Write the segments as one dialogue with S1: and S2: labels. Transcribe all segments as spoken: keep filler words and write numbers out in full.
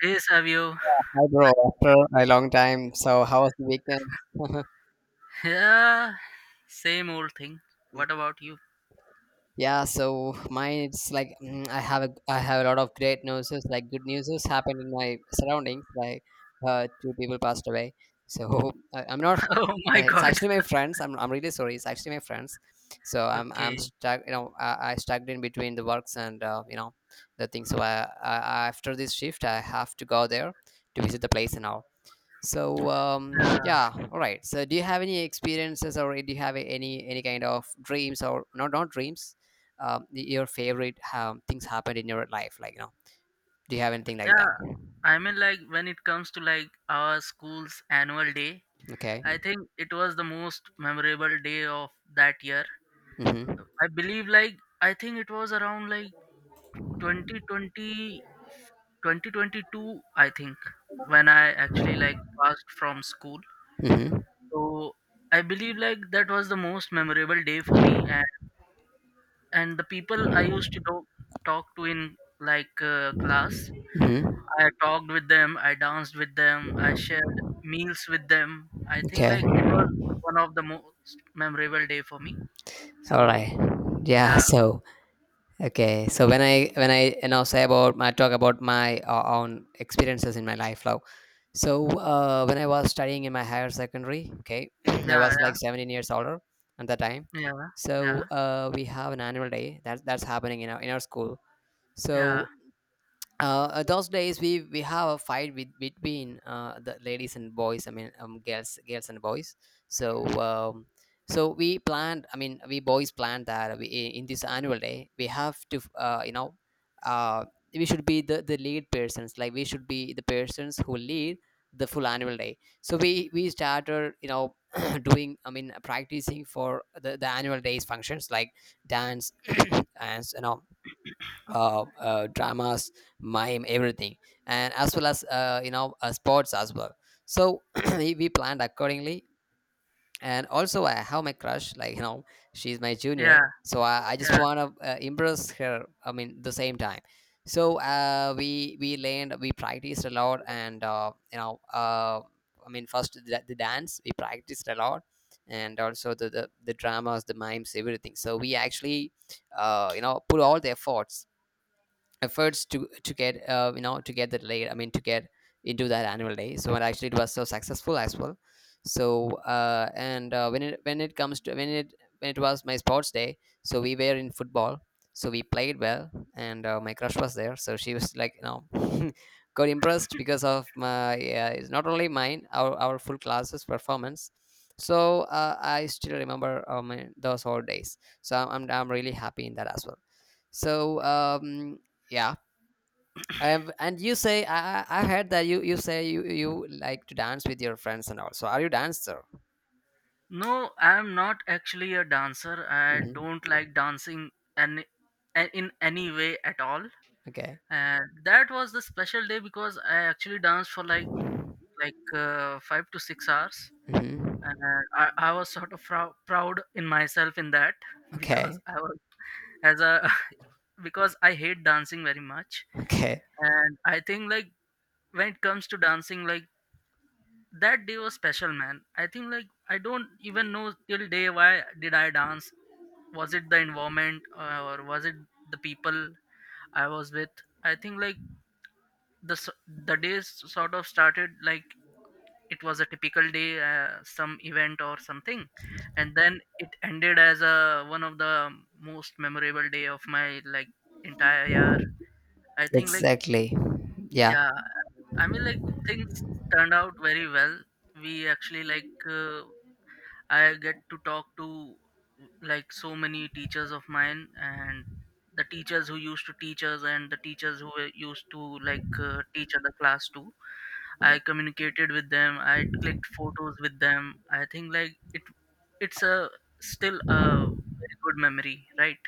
S1: Hey Savio.
S2: Hi, bro. After a long time. So, how was the weekend?
S1: Yeah, same old thing. What about you?
S2: Yeah. So mine, it's like, mm, I have a I have a lot of great news. Like, good news happened in my surroundings. Like, uh, two people passed away. So I, I'm not.
S1: Oh
S2: uh,
S1: my
S2: It's
S1: god.
S2: actually my friends. I'm I'm really sorry. It's actually my friends. So I'm I'm
S1: Okay.
S2: stuck. You know, I, I stuck in between the works, and uh, you know the things. So, I, I after this shift, I have to go there to visit the place and all. So, um,
S1: Yeah.
S2: yeah, all right. So do you have any experiences, or do you have any any kind of dreams, or not not dreams? Um, y- your favorite um, things happened in your life, like, you know, do you have anything like that?
S1: Yeah. I mean, like, when it comes to like our school's annual day,
S2: Okay.
S1: I think it was the most memorable day of that year.
S2: Mm-hmm.
S1: I believe like I think it was around like twenty twenty twenty twenty-two I think when I actually like passed from school.
S2: Mm-hmm.
S1: So I believe like that was the most memorable day for me. And. and the people i used to do, talk to in like uh, class,
S2: Mm-hmm.
S1: i talked with them, i danced with them, i shared meals with them. I think
S2: Okay.
S1: like it was one of the most memorable day for me,
S2: All
S1: so
S2: right. Yeah.
S1: yeah.
S2: So, okay, so when I when I you know say about my talk about my uh, own experiences in my life now. So uh, when I was studying in my higher secondary, okay, I
S1: Yeah,
S2: was
S1: yeah,
S2: like seventeen years older at that time.
S1: yeah,
S2: So
S1: yeah,
S2: uh, we have an annual day that that's happening in our in our school.
S1: yeah,
S2: So uh, uh, those days, we we have a fight with, between uh, the ladies and boys, I mean, um, girls girls and boys. So, um, so we planned, I mean, we boys planned that, we, i- in this annual day we have to, uh, you know uh, we should be the, the lead persons, like we should be the persons who lead the full annual day. So we we started, you know doing, I mean, practicing for the, the annual day's functions, like dance and you know uh, uh, dramas, mime, everything, and as well as, uh, you know uh, sports as well. So we we planned accordingly, and also I have my crush, like, you know, she's my
S1: yeah,
S2: junior, so I, I just
S1: yeah.
S2: want to uh, impress her. I mean, the same time. So uh, we we learned, we practiced a lot, and uh, you know, uh, I mean, first, the, the dance we practiced a lot. And also the, the, the dramas, the mimes, everything. So we actually, uh, you know, put all the efforts efforts to to get, uh, you know to get the late I mean to get into that annual day. So and actually it was so successful as well. So uh, and uh, when it when it comes to when it when it was my sports day. So we were in football, so we played well. And uh, my crush was there, so she was like, you know got impressed because of my, uh, it's not only mine, our, our full classes performance. So uh, I still remember um, those whole days, so I'm, I'm i'm really happy in that as well. So, um yeah. Um, and you say I, I I heard that you you say you you like to dance with your friends and all, so are you dancer?
S1: No, i'm not actually a dancer, i
S2: Hmm.
S1: don't like dancing and in any way at all.
S2: Okay.
S1: And that was the special day because i actually danced for like like uh, five to six hours. And
S2: Hmm.
S1: uh, I, I was sort of prou- proud in myself in that, because
S2: Okay,
S1: I was as a because I hate dancing very much.
S2: okay.
S1: And I think like when it comes to dancing, like that day was special, man. I think like I don't even know till day why did I dance. Was it the environment uh, or was it the people I was with? I think like the s- the days sort of started like it was a typical day, uh, some event or something, and then it ended as a one of the most memorable day of my like entire year, I think like
S2: Exactly. Yeah.
S1: yeah. I mean like things turned out very well. We actually like uh, i get to talk to like so many teachers of mine, and the teachers who used to teach us, and the teachers who were used to like uh, teach other class too. I communicated with them. I clicked photos with them. I think like it, it's a still a very good memory, right?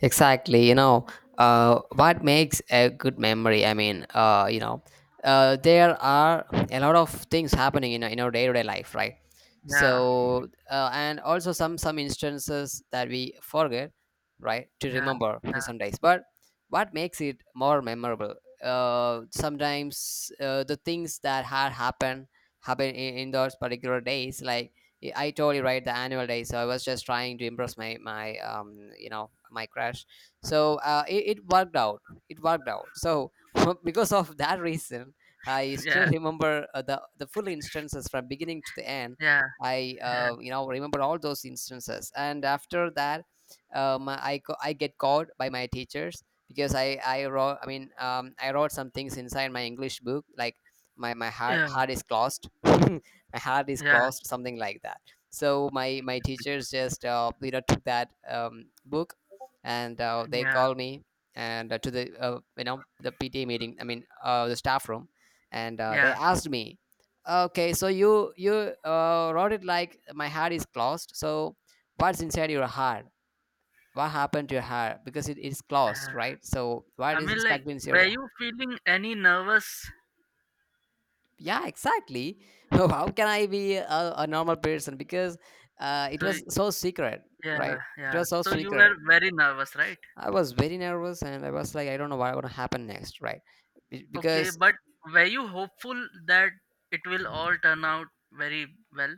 S2: Exactly. You know, uh, what makes a good memory? I mean, uh, you know, uh, there are a lot of things happening in our- in our day to day life, right?
S1: Yeah,
S2: So, uh, and also some some instances that we forget, right, to
S1: yeah,
S2: remember in
S1: yeah,
S2: some days. But what makes it more memorable? Uh, sometimes, uh, the things that had happened happen in, in those particular days, like, yeah, I totally right, the annual day. So I was just trying to impress my my um you know my crush. So uh, it, it worked out. It worked out. So because of that reason, I still
S1: yeah,
S2: remember uh, the the full instances from beginning to the end.
S1: yeah,
S2: I,
S1: yeah,
S2: uh, you know remember all those instances, and after that, um, I co- I get called by my teachers because I I wrote, I mean, um, I wrote some things inside my English book, like, my my heart
S1: yeah,
S2: heart is closed. My heart is
S1: yeah,
S2: closed, something like that. So my my teachers just uh, you know took that, um, book, and uh, they
S1: yeah,
S2: called me, and uh, to the uh, you know the P T A meeting, I mean, uh, the staff room, and uh, they
S1: yeah,
S2: asked me, okay, so you you uh, wrote it like, my heart is closed. So what's inside your heart? What happened to your heart? Because it is
S1: yeah.
S2: closed, right? So
S1: I
S2: what is
S1: mean,
S2: stuck
S1: like,
S2: inside
S1: were
S2: your—
S1: you feeling any nervous?
S2: yeah, exactly. How can I be a, a normal person? Because uh, it
S1: So
S2: was
S1: y-
S2: so secret,
S1: yeah,
S2: right? It
S1: yeah.
S2: was so
S1: So you were
S2: secret.
S1: very nervous, right?
S2: I was very nervous, and I was like, I don't know what's going to happen next, right? Be-
S1: Okay,
S2: because
S1: but were you hopeful that it will all turn out very well?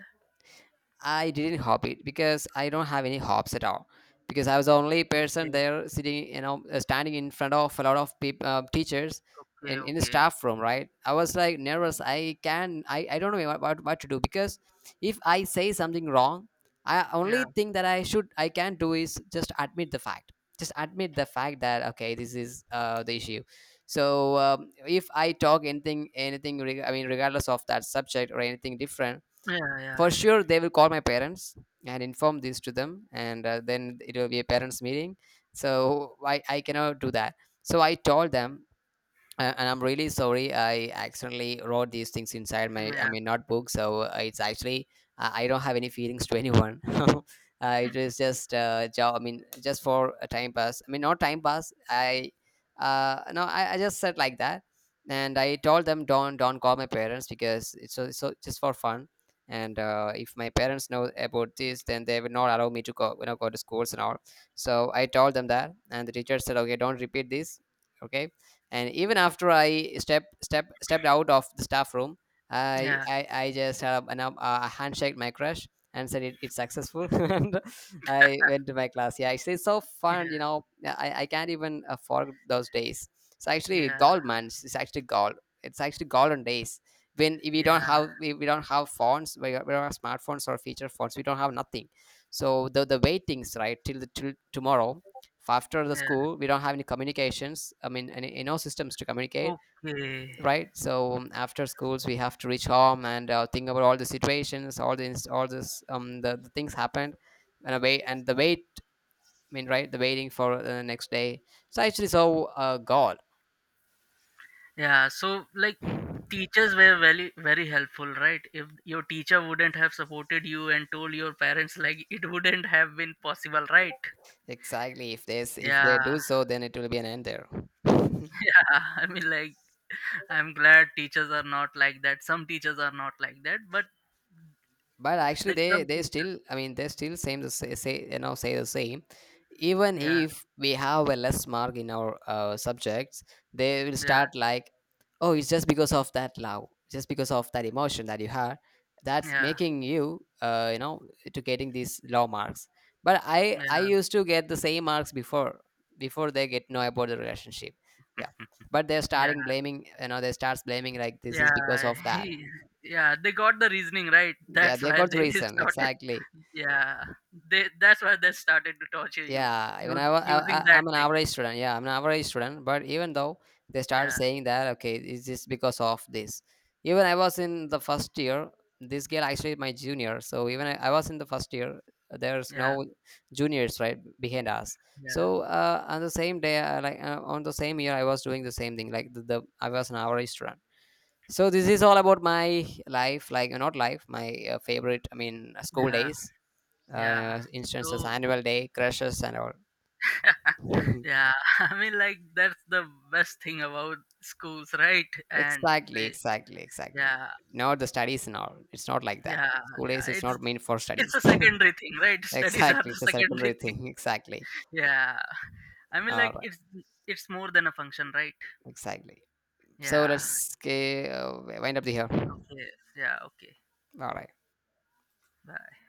S2: I didn't hop it, because I don't have any hops at all. Because I was the only person
S1: Okay,
S2: there sitting, you know, uh, standing in front of a lot of peop uh, teachers
S1: okay,
S2: in, in the
S1: okay.
S2: staff room, right? I was like nervous. I can, I, I don't know what, what, what to do, because if I say something wrong, I only
S1: Yeah,
S2: thing that I should, I can do is just admit the fact. Just admit the fact that, okay, this is uh, the issue. So um, if I talk anything, anything, reg- I mean, regardless of that subject or anything different,
S1: yeah, yeah,
S2: for sure they will call my parents and inform this to them. And uh, then it will be a parents meeting, so I, I cannot do that. So I told them, uh, and I'm really sorry. I accidentally wrote these things inside my, I
S1: yeah.
S2: mean, notebook, so uh, it's actually, uh, I don't have any feelings to anyone. Uh, it was just uh, job. I mean, just for a time pass. I mean, not time pass. I uh, No, I, I just said like that, and I told them, don't don't call my parents because it's so, so just for fun. And uh, if my parents know about this, then they will not allow me to go you know go to schools and all. So I told them that, and the teacher said, okay, don't repeat this. Okay, and even after I step step stepped out of the staff room, i
S1: Yeah,
S2: i, I just had a, an, uh, a handshake my crush, and said, it, it's successful. And I went to my class. Yeah, actually it's so fun, you
S1: yeah,
S2: know? Yeah, i, I can't even afford those days. So actually,
S1: yeah,
S2: gold, man. It's actually gold. It's actually golden days, when we
S1: yeah,
S2: don't have we, we don't have phones. We, don't- we don't have smartphones or feature phones. We don't have nothing. So the the waitings, right, till the till tomorrow. After the
S1: yeah.
S2: school, we don't have any communications, I mean, any, any no systems to communicate.
S1: Okay.
S2: Right? So um, after schools, we have to reach home and uh, think about all the situations, all the inst- all this, um the, the things happened, and away, and the wait, I mean, right, the waiting for the next day. So actually, so uh, God.
S1: Yeah, so like teachers were very, very helpful, right? If your teacher wouldn't have supported you and told your parents, like, it wouldn't have been possible, right?
S2: Exactly. If there's if they
S1: Yeah,
S2: do so, then it will be an end there.
S1: yeah. I mean like I'm glad teachers are not like that. Some teachers are not like that, but
S2: But actually,
S1: like
S2: they
S1: some
S2: they
S1: teachers,
S2: still, I mean, they still same the say, say you know say the same, even
S1: yeah,
S2: if we have a less mark in our uh, subjects. They will
S1: yeah,
S2: start like, oh, it's just because of that love, just because of that emotion that you had, that's
S1: yeah,
S2: making you uh, you know to getting these low marks. But i i
S1: yeah,
S2: used to get the same marks before, before they get know about the relationship. Yeah, but they're
S1: yeah,
S2: starting blaming, you know they starts blaming like, this is because
S1: yeah,
S2: of that.
S1: yeah. They got the reasoning right.
S2: Yeah,
S1: That's
S2: they
S1: why
S2: got
S1: they
S2: reason,
S1: started.
S2: exactly.
S1: Yeah, they, that's why they started to torture you,
S2: Yeah, even
S1: use,
S2: I, wa- I,
S1: using
S2: I-
S1: that
S2: I'm an
S1: thing.
S2: average student. Yeah, I'm an average student. But even though they started
S1: Yeah,
S2: saying that, okay, is this because of this? Even I was in the first year. This girl actually is my junior. So even I, I was in the first year. There's
S1: yeah,
S2: no juniors right behind us.
S1: yeah,
S2: So uh, on the same day, uh, like, uh, on the same year, I was doing the same thing. Like the, the I was an average student. So this is all about my life, like, uh, not life, my uh, favorite. I mean, uh, school
S1: yeah,
S2: days,
S1: yeah.
S2: uh, instances,
S1: So
S2: annual day, crushes, and all. Mhm.
S1: yeah, I mean like that's the best thing about schools, right? And
S2: Exactly,
S1: they,
S2: exactly, exactly.
S1: yeah,
S2: Not the studies and all. It's not like that.
S1: yeah,
S2: School
S1: yeah.
S2: days, it's
S1: It's
S2: not meant for
S1: it's
S2: studies.
S1: a secondary thing, right? Studies are
S2: Exactly,
S1: the
S2: it's a
S1: secondary
S2: secondary
S1: thing.
S2: thing. Exactly.
S1: Yeah, I mean
S2: All
S1: like
S2: right,
S1: it's it's more than a function, right?
S2: exactly. So
S1: Yeah.
S2: let's uh, wind up the here. All
S1: Okay. Yeah. Okay.
S2: right.
S1: Bye.